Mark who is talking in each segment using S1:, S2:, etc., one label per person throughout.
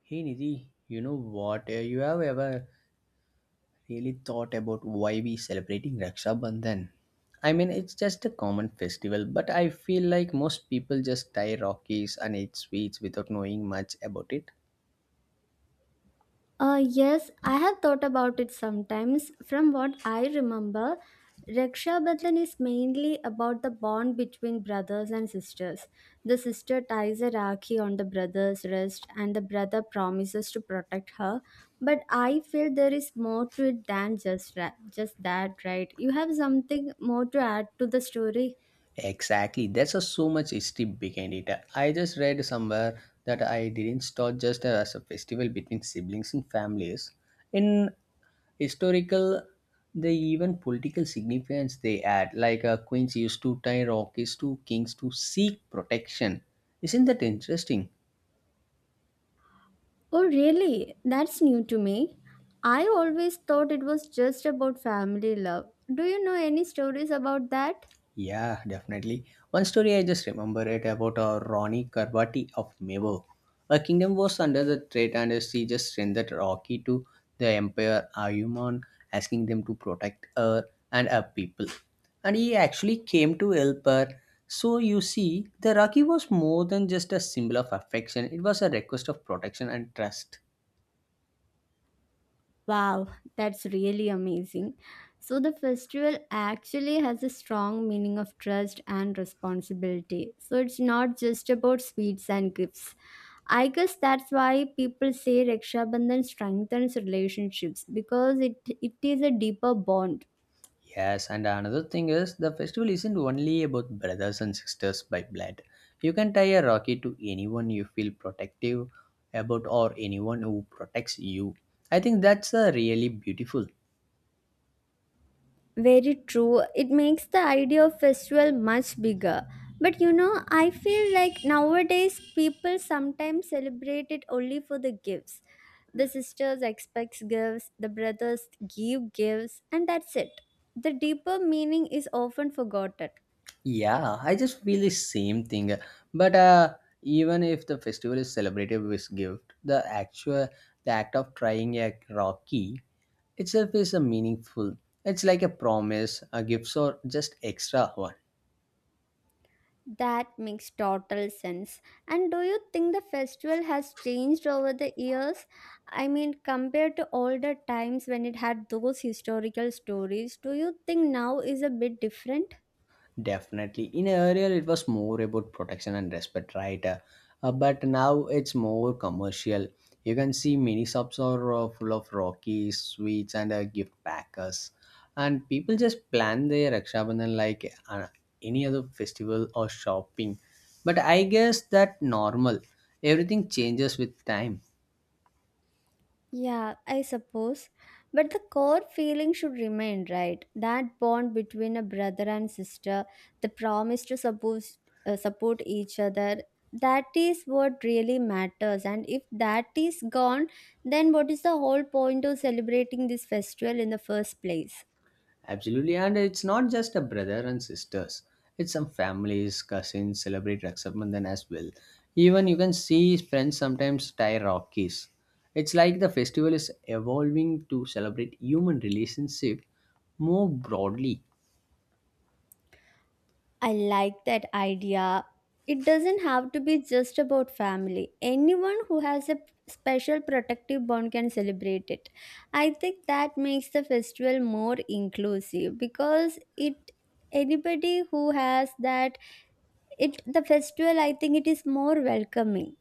S1: Hey Nidhi, you know what? You have ever really thought about why we celebrating Raksha Bandhan? I mean, it's just a common festival, but I feel like most people just tie Rockies and eat sweets without knowing much about it.
S2: Yes, I have thought about it sometimes. From what I remember, Raksha Bandhan is mainly about the bond between brothers and sisters. The sister ties a rakhi on the brother's wrist, and the brother promises to protect her. But I feel there is more to it than just that, right? You have something more to add to the story.
S1: Exactly, so much history behind it. I just read somewhere that I didn't start just as a festival between siblings and families. In historical the even political significance they add like queens used to tie rockies to kings to seek protection, isn't that interesting?
S2: Oh, really? That's new to me. I always thought it was just about family love. Do you know any stories about that?
S1: Yeah, definitely. One story I just remember it about a Ronnie Karbati of Mevo. Her kingdom was under the threat and she just sent that Rocky to the Emperor Ayuman asking them to protect her and her people. And he actually came to help her. So you see, the Rocky was more than just a symbol of affection. It was a request of protection and trust.
S2: Wow, that's really amazing. So, the festival actually has a strong meaning of trust and responsibility. So, it's not just about sweets and gifts. I guess that's why people say Raksha Bandhan strengthens relationships because it is a deeper bond.
S1: Yes, and another thing is the festival isn't only about brothers and sisters by blood. You can tie a rocket to anyone you feel protective about or anyone who protects you. I think that's really beautiful.
S2: Very true. It makes the idea of festival much bigger. But you know, I feel like nowadays people sometimes celebrate it only for the gifts. The sisters expects gifts, the brothers give gifts, and that's it. The deeper meaning is often forgotten.
S1: Yeah, I just feel the same thing. But even if the festival is celebrated with gift, the act of trying a rocky itself is a meaningful. It's like a promise, a gift, or just extra one.
S2: That makes total sense. And do you think the festival has changed over the years? I mean, compared to older times when it had those historical stories, do you think now is a bit different?
S1: Definitely. In earlier, it was more about protection and respect, right? But now it's more commercial. You can see mini shops are full of Rockies, sweets, and gift packers. And people just plan their Rakshabandhan like any other festival or shopping. But I guess that normal. Everything changes with time.
S2: Yeah, I suppose. But the core feeling should remain, right? That bond between a brother and sister, the promise to suppose support each other, that is what really matters. And if that is gone, then what is the whole point of celebrating this festival in the first place?
S1: Absolutely, and it's not just a brother and sisters. It's some families, cousins celebrate Raksha Bandhan as well. Even you can see friends sometimes tie Rockies. It's like the festival is evolving to celebrate human relationship more broadly.
S2: I like that idea. It doesn't have to be just about family. Anyone who has a special protective bond can celebrate it. I think that makes the festival more inclusive because it anybody who has that it the festival I think it is more welcoming.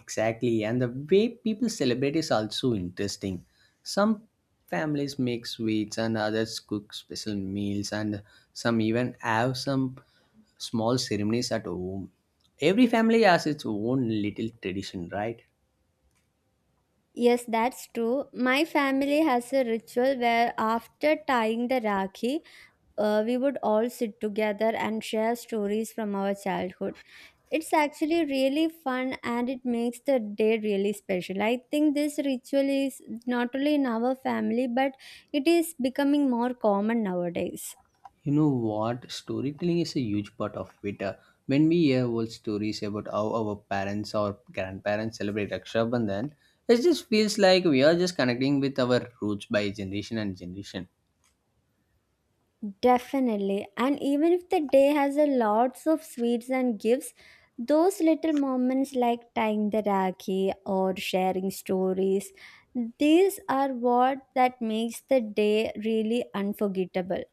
S1: Exactly, and the way people celebrate is also interesting. Some families make sweets, and others cook special meals, and some even have some small ceremonies at home. Every family has its own little tradition, right?
S2: Yes, that's true. My family has a ritual where after tying the Rakhi, we would all sit together and share stories from our childhood. It's actually really fun and it makes the day really special. I think this ritual is not only in our family but it is becoming more common nowadays.
S1: You know what? Storytelling is a huge part of it. When we hear old stories about how our parents or grandparents celebrate Raksha Bandhan, it just feels like we are just connecting with our roots by generation and generation.
S2: Definitely. And even if the day has a lots of sweets and gifts, those little moments like tying the rakhi or sharing stories, these are what that makes the day really unforgettable.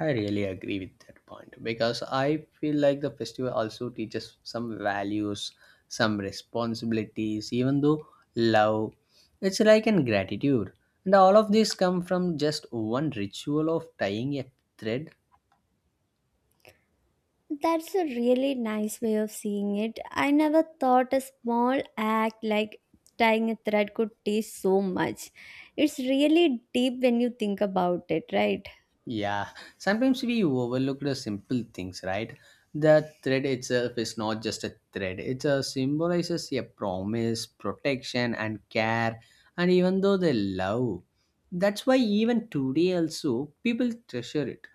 S1: I really agree with that point because I feel like the festival also teaches some values, some responsibilities, even though love, it's like an gratitude. And all of these come from just one ritual of tying a thread.
S2: That's a really nice way of seeing it. I never thought a small act like tying a thread could teach so much. It's really deep when you think about it, right?
S1: Yeah, sometimes we overlook the simple things, right? The thread itself is not just a thread, it symbolizes a promise, protection, and care, and even though they love. That's why, even today, also, people treasure it.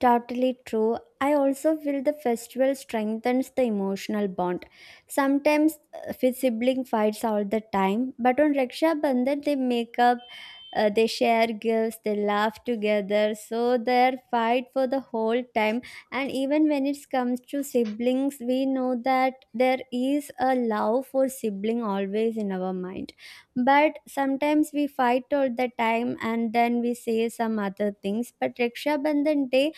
S2: Totally true. I also feel the festival strengthens the emotional bond. Sometimes with sibling fights all the time, but on Raksha Bandhan they make up, they share gifts, they laugh together. So they fight for the whole time. And even when it comes to siblings, we know that there is a love for sibling always in our mind. But sometimes we fight all the time, and then we say some other things. But Raksha Bandhan day,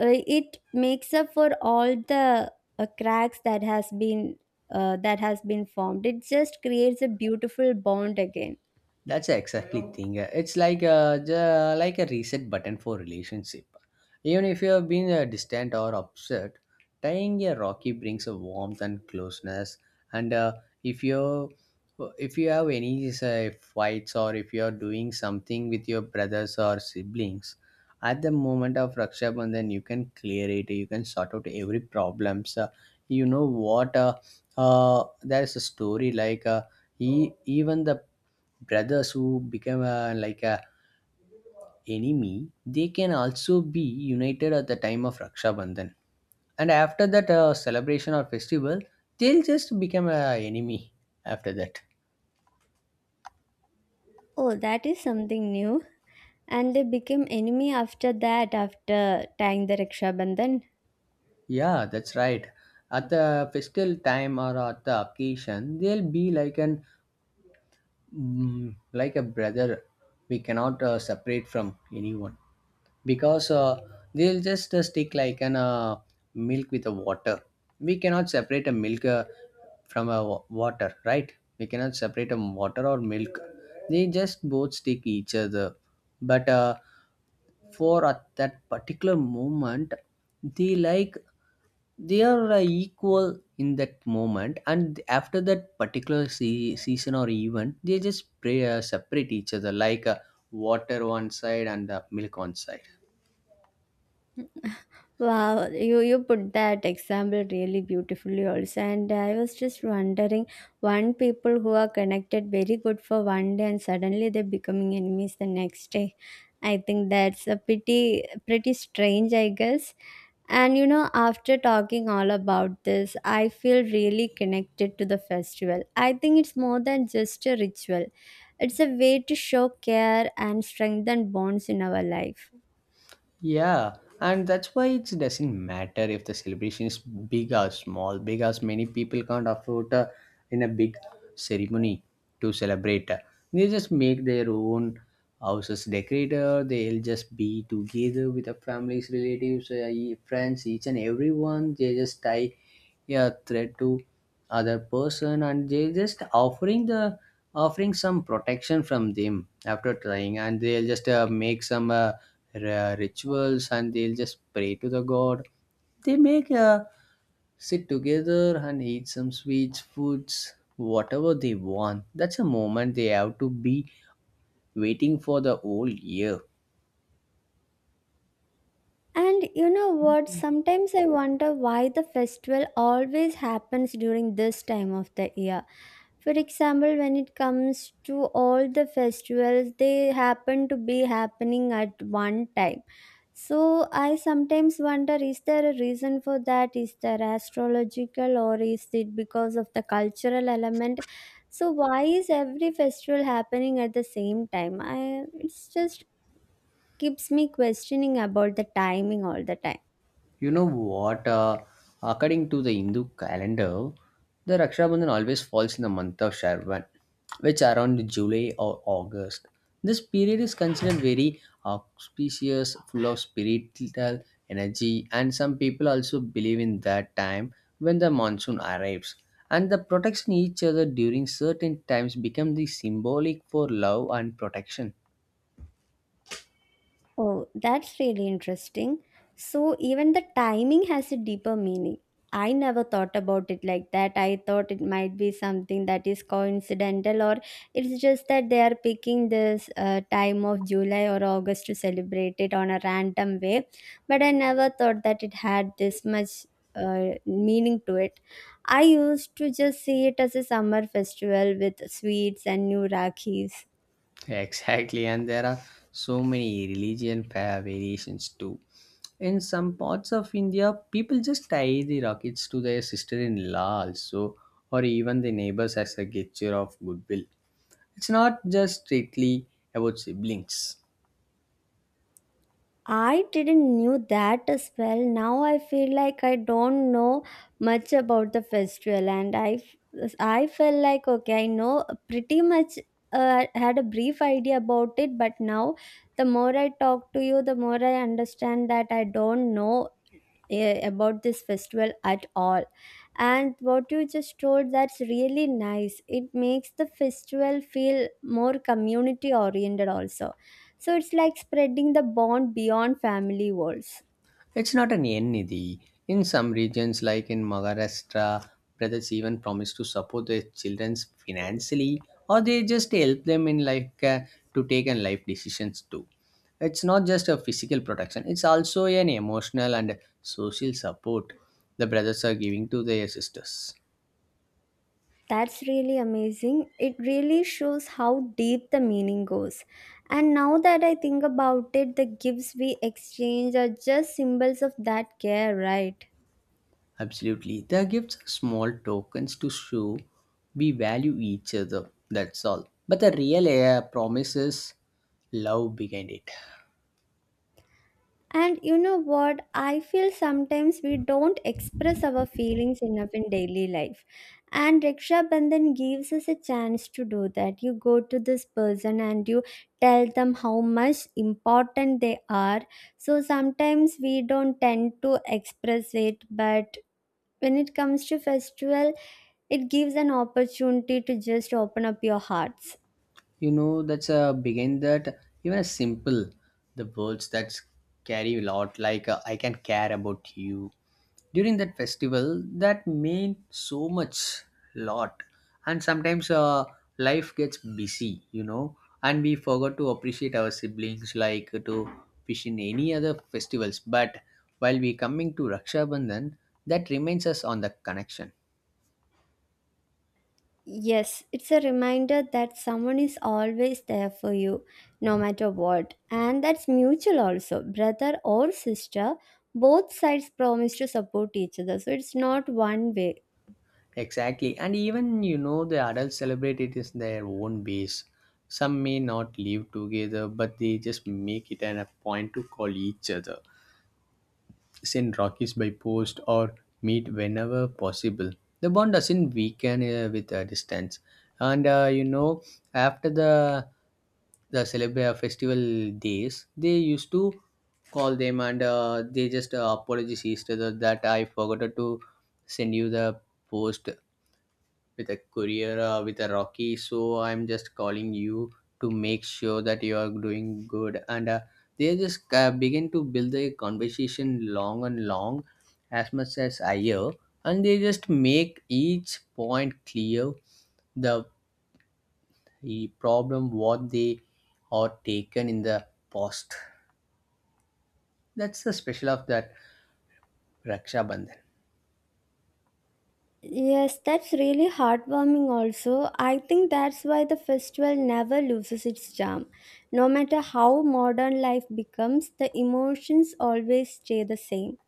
S2: it makes up for all the cracks that has been formed. It just creates a beautiful bond again.
S1: That's exactly thing. It's like a like a reset button for relationship. Even if you have been distant or upset, tying a rocky brings a warmth and closeness. And if you if you have any say, fights or if you are doing something with your brothers or siblings, at the moment of Raksha Bandhan, you can clear it. You can sort out every problems. You know what. There's a story like he even the brothers who become like a enemy, they can also be united at the time of Raksha Bandhan, and after that celebration or festival they'll just become a enemy after that.
S2: Oh, that is something new, and they became enemy after that, after tying the raksha bandhan.
S1: Yeah, that's right. At the festival time or at the occasion they'll be like an like a brother, we cannot separate from anyone because they'll just stick like an milk with a water. We cannot separate a milk from a water, right? We cannot separate a water or milk, they just both stick each other. But for at that particular moment they like they are equal in that moment, and after that particular season or event they just pray, separate each other like water one side and the milk on side.
S2: Wow, you put that example really beautifully also. And I was just wondering, one people who are connected very good for one day and suddenly they're becoming enemies the next day. I think that's a pretty strange, I guess. And you know, after talking all about this, I feel really connected to the festival. I think it's more than just a ritual. It's a way to show care and strengthen bonds in our life.
S1: Yeah, and that's why it doesn't matter if the celebration is big or small, because many people can't afford in a big ceremony to celebrate. They just make their own houses decorated. They'll just be together with the families, relatives, friends, each and everyone. They just tie a thread to other person and they just offering the offering some protection from them after trying, and they'll just make some rituals and they'll just pray to the god. They make sit together and eat some sweets foods whatever they want, that's a moment they have to be waiting for the whole year.
S2: And you know what? Sometimes I wonder why the festival always happens during this time of the year. For example, when it comes to all the festivals, they happen to be happening at one time. So I sometimes wonder, is there a reason for that? Is there astrological or is it because of the cultural element? So why is every festival happening at the same time? I, it's just keeps me questioning about the timing all the time.
S1: You know what? According to the Hindu calendar, the Raksha Bandhan always falls in the month of Shravan, which around July or August. This period is considered very auspicious, full of spiritual energy, and some people also believe in that time when the monsoon arrives. And the protection each other during certain times become the symbolic for love and protection.
S2: Oh, that's really interesting. So, even the timing has a deeper meaning. I never thought about it like that. I thought it might be something that is coincidental, or it's just that they are picking this time of July or August to celebrate it on a random way. But I never thought that it had this much meaning to it. I used to just see it as a summer festival with sweets and new rakhis.
S1: Exactly, and there are so many religion variations too. In some parts of India, people just tie the rockets to their sister-in-law also, or even the neighbors as a gesture of goodwill. It's not just strictly about siblings.
S2: I didn't knew that as well. Now I feel like I don't know much about the festival, and I felt like okay, I know pretty much. Had a brief idea about it, but now the more I talk to you, the more I understand that I don't know about this festival at all. And what you just told, that's really nice. It makes the festival feel more community oriented also. So it's like spreading the bond beyond family walls.
S1: It's not an N Nidhi. In some regions, like in Maharashtra, brothers even promise to support their children financially, or they just help them in like to take and life decisions too. It's not just a physical protection; it's also an emotional and social support the brothers are giving to their sisters.
S2: That's really amazing. It really shows how deep the meaning goes. And now that I think about it, the gifts we exchange are just symbols of that care, right?
S1: Absolutely, the gifts are small tokens to show we value each other. That's all. But the real promise is love behind it.
S2: And you know what? I feel sometimes we don't express our feelings enough in daily life. And Raksha Bandhan gives us a chance to do that. You go to this person and you tell them how much important they are. So sometimes we don't tend to express it, but when it comes to festival, it gives an opportunity to just open up your hearts.
S1: You know that's a begin that even a simple the words that carry a lot, like I can care about you during that festival, that mean so much lot. And sometimes life gets busy, you know, and we forgot to appreciate our siblings like to fish in any other festivals. But while we coming to Raksha Bandhan, that remains us on the connection.
S2: Yes, it's a reminder that someone is always there for you, no matter what. And that's mutual also. Brother or sister, both sides promise to support each other. So it's not one way.
S1: Exactly. And even, you know, the adults celebrate it in their own ways. Some may not live together, but they just make it an a point to call each other, send rockets by post, or meet whenever possible. The bond doesn't weaken with a distance. And you know, after the celebra festival days, they used to call them and they just apologize each other that I forgot to send you the post with a career with a rocky, so I'm just calling you to make sure that you are doing good. And they just begin to build the conversation long and long as much as I hear, and they just make each point clear the, the problem what they are taken in the past, that's the special of that Raksha Bandhan.
S2: Yes, that's really heartwarming also. I think that's why the festival never loses its charm. No matter how modern life becomes, the emotions always stay the same.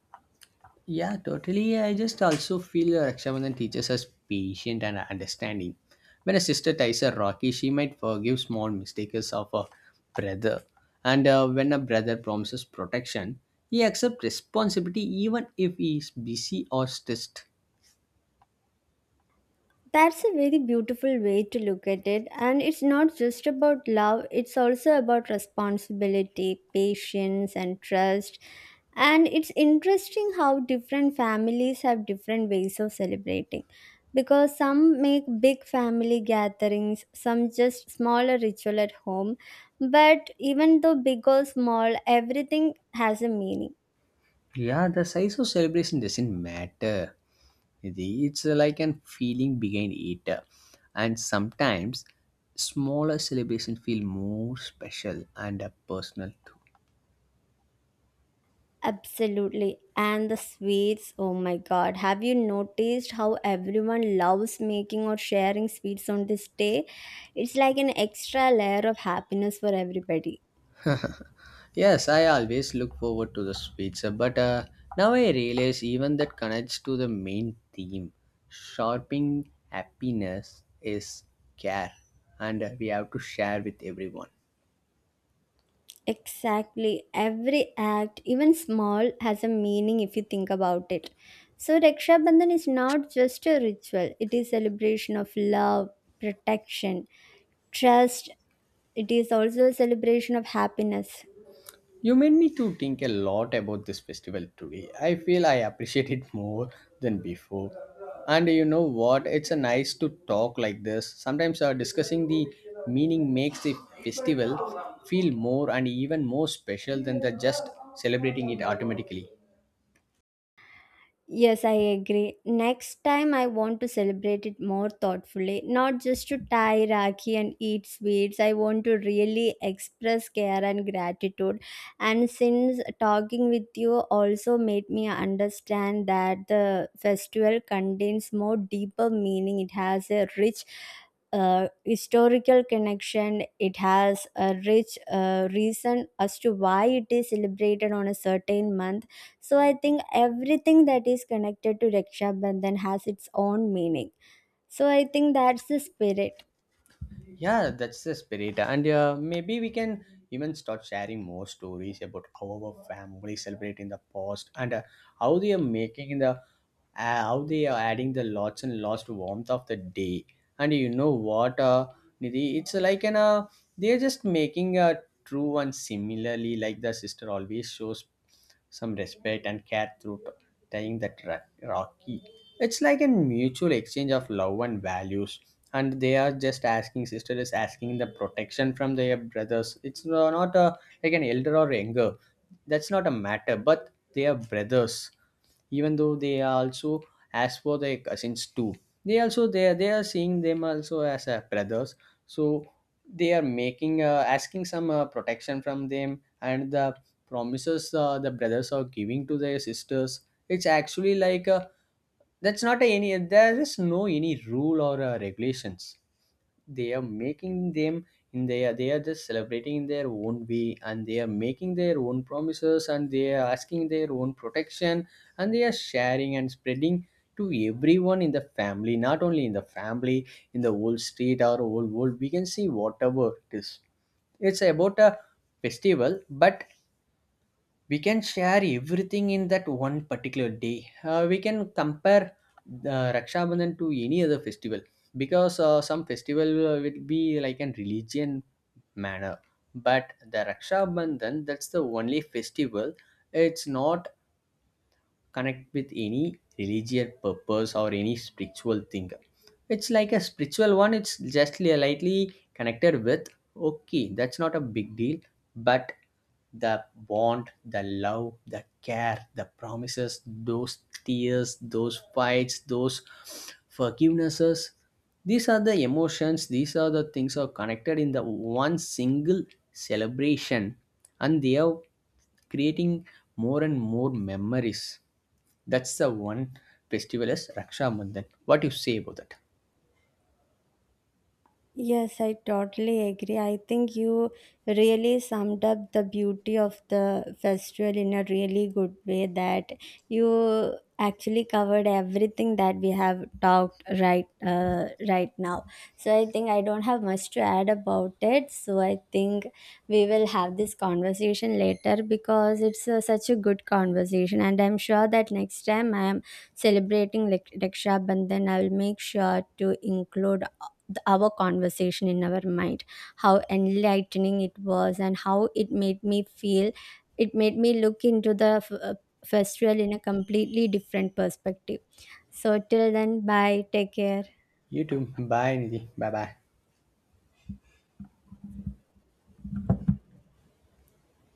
S1: Yeah, totally. I just also feel Rakshabandhan teaches us patience and understanding. When a sister ties a Rocky, she might forgive small mistakes of a brother. And when a brother promises protection, he accepts responsibility even if he is busy or stressed.
S2: That's a very beautiful way to look at it. And it's not just about love, it's also about responsibility, patience, and trust. And it's interesting how different families have different ways of celebrating. Because some make big family gatherings, some just smaller ritual at home. But even though big or small, everything has a meaning.
S1: Yeah, the size of celebration doesn't matter. It's like an feeling behind it. And sometimes smaller celebration feel more special and personal too.
S2: Absolutely. And the sweets, oh my god. Have you noticed how everyone loves making or sharing sweets on this day? It's like an extra layer of happiness for everybody.
S1: Yes, I always look forward to the speech, pizza, but now I realize even that connects to the main theme. Shopping happiness is care, and we have to share with everyone.
S2: Exactly. Every act, even small, has a meaning if you think about it. So Raksha Bandhan is not just a ritual, it is celebration of love, protection, trust. It is also a celebration of happiness.
S1: You made me to think a lot about this festival today. I feel I appreciate it more than before. And you know what? It's a nice to talk like this. Sometimes discussing the meaning makes the festival feel more and even more special than the just celebrating it automatically.
S2: Yes, I agree. Next time, I want to celebrate it more thoughtfully, not just to tie Rakhi and eat sweets. I want to really express care and gratitude. And since talking with you also made me understand that the festival contains more deeper meaning, it has a rich historical connection. It has a rich reason as to why it is celebrated on a certain month, so I think everything that is connected to Raksha Bandhan has its own meaning. So I think that's the spirit.
S1: Yeah, that's the spirit. And maybe we can even start sharing more stories about how our family celebrate in the past and how they are making the how they are adding the lots and lost warmth of the day. And you know what, Nidhi, it's like an they're just making a true one, similarly like the sister always shows some respect and care through tying that rocky. It's like a mutual exchange of love and values. And they are just asking, sister is asking the protection from their brothers. It's not a, like an elder or younger. That's not a matter, but they are brothers, even though they are also as for their cousins too, they also they are seeing them also as brothers. So they are making asking some protection from them, and the promises the brothers are giving to their sisters. It's actually like that's not any, there is no any rule or regulations they are making them in their. They are just celebrating in their own way and they are making their own promises and they are asking their own protection, and they are sharing and spreading to everyone in the family, not only in the family, in the whole street or whole world. We can see whatever it is, it's about a festival, but we can share everything in that one particular day. We can compare the Raksha Bandhan to any other festival, because some festival will be like an religion manner, but the Raksha Bandhan, that's the only festival. It's not connect with any religious purpose or any spiritual thing. It's like a spiritual one. It's just lightly connected with okay. That's not a big deal, but the bond, the love, the care, the promises, those tears, those fights, those forgivenesses. These are the emotions, these are the things are connected in the one single celebration, and they are creating more and more memories. That's the one festival is Raksha Bandhan. What you say about that?
S2: Yes, I totally agree. I think you really summed up the beauty of the festival in a really good way, that you actually covered everything that we have talked right now. So I think I don't have much to add about it. So I think we will have this conversation later because it's such a good conversation and I'm sure that next time I am celebrating Raksha Bandhan I will make sure to include our conversation in our mind, how enlightening it was and how it made me feel, it made me look into the festival in a completely different perspective. So till then, bye, take care.
S1: You too. Bye, Nidhi. Bye bye.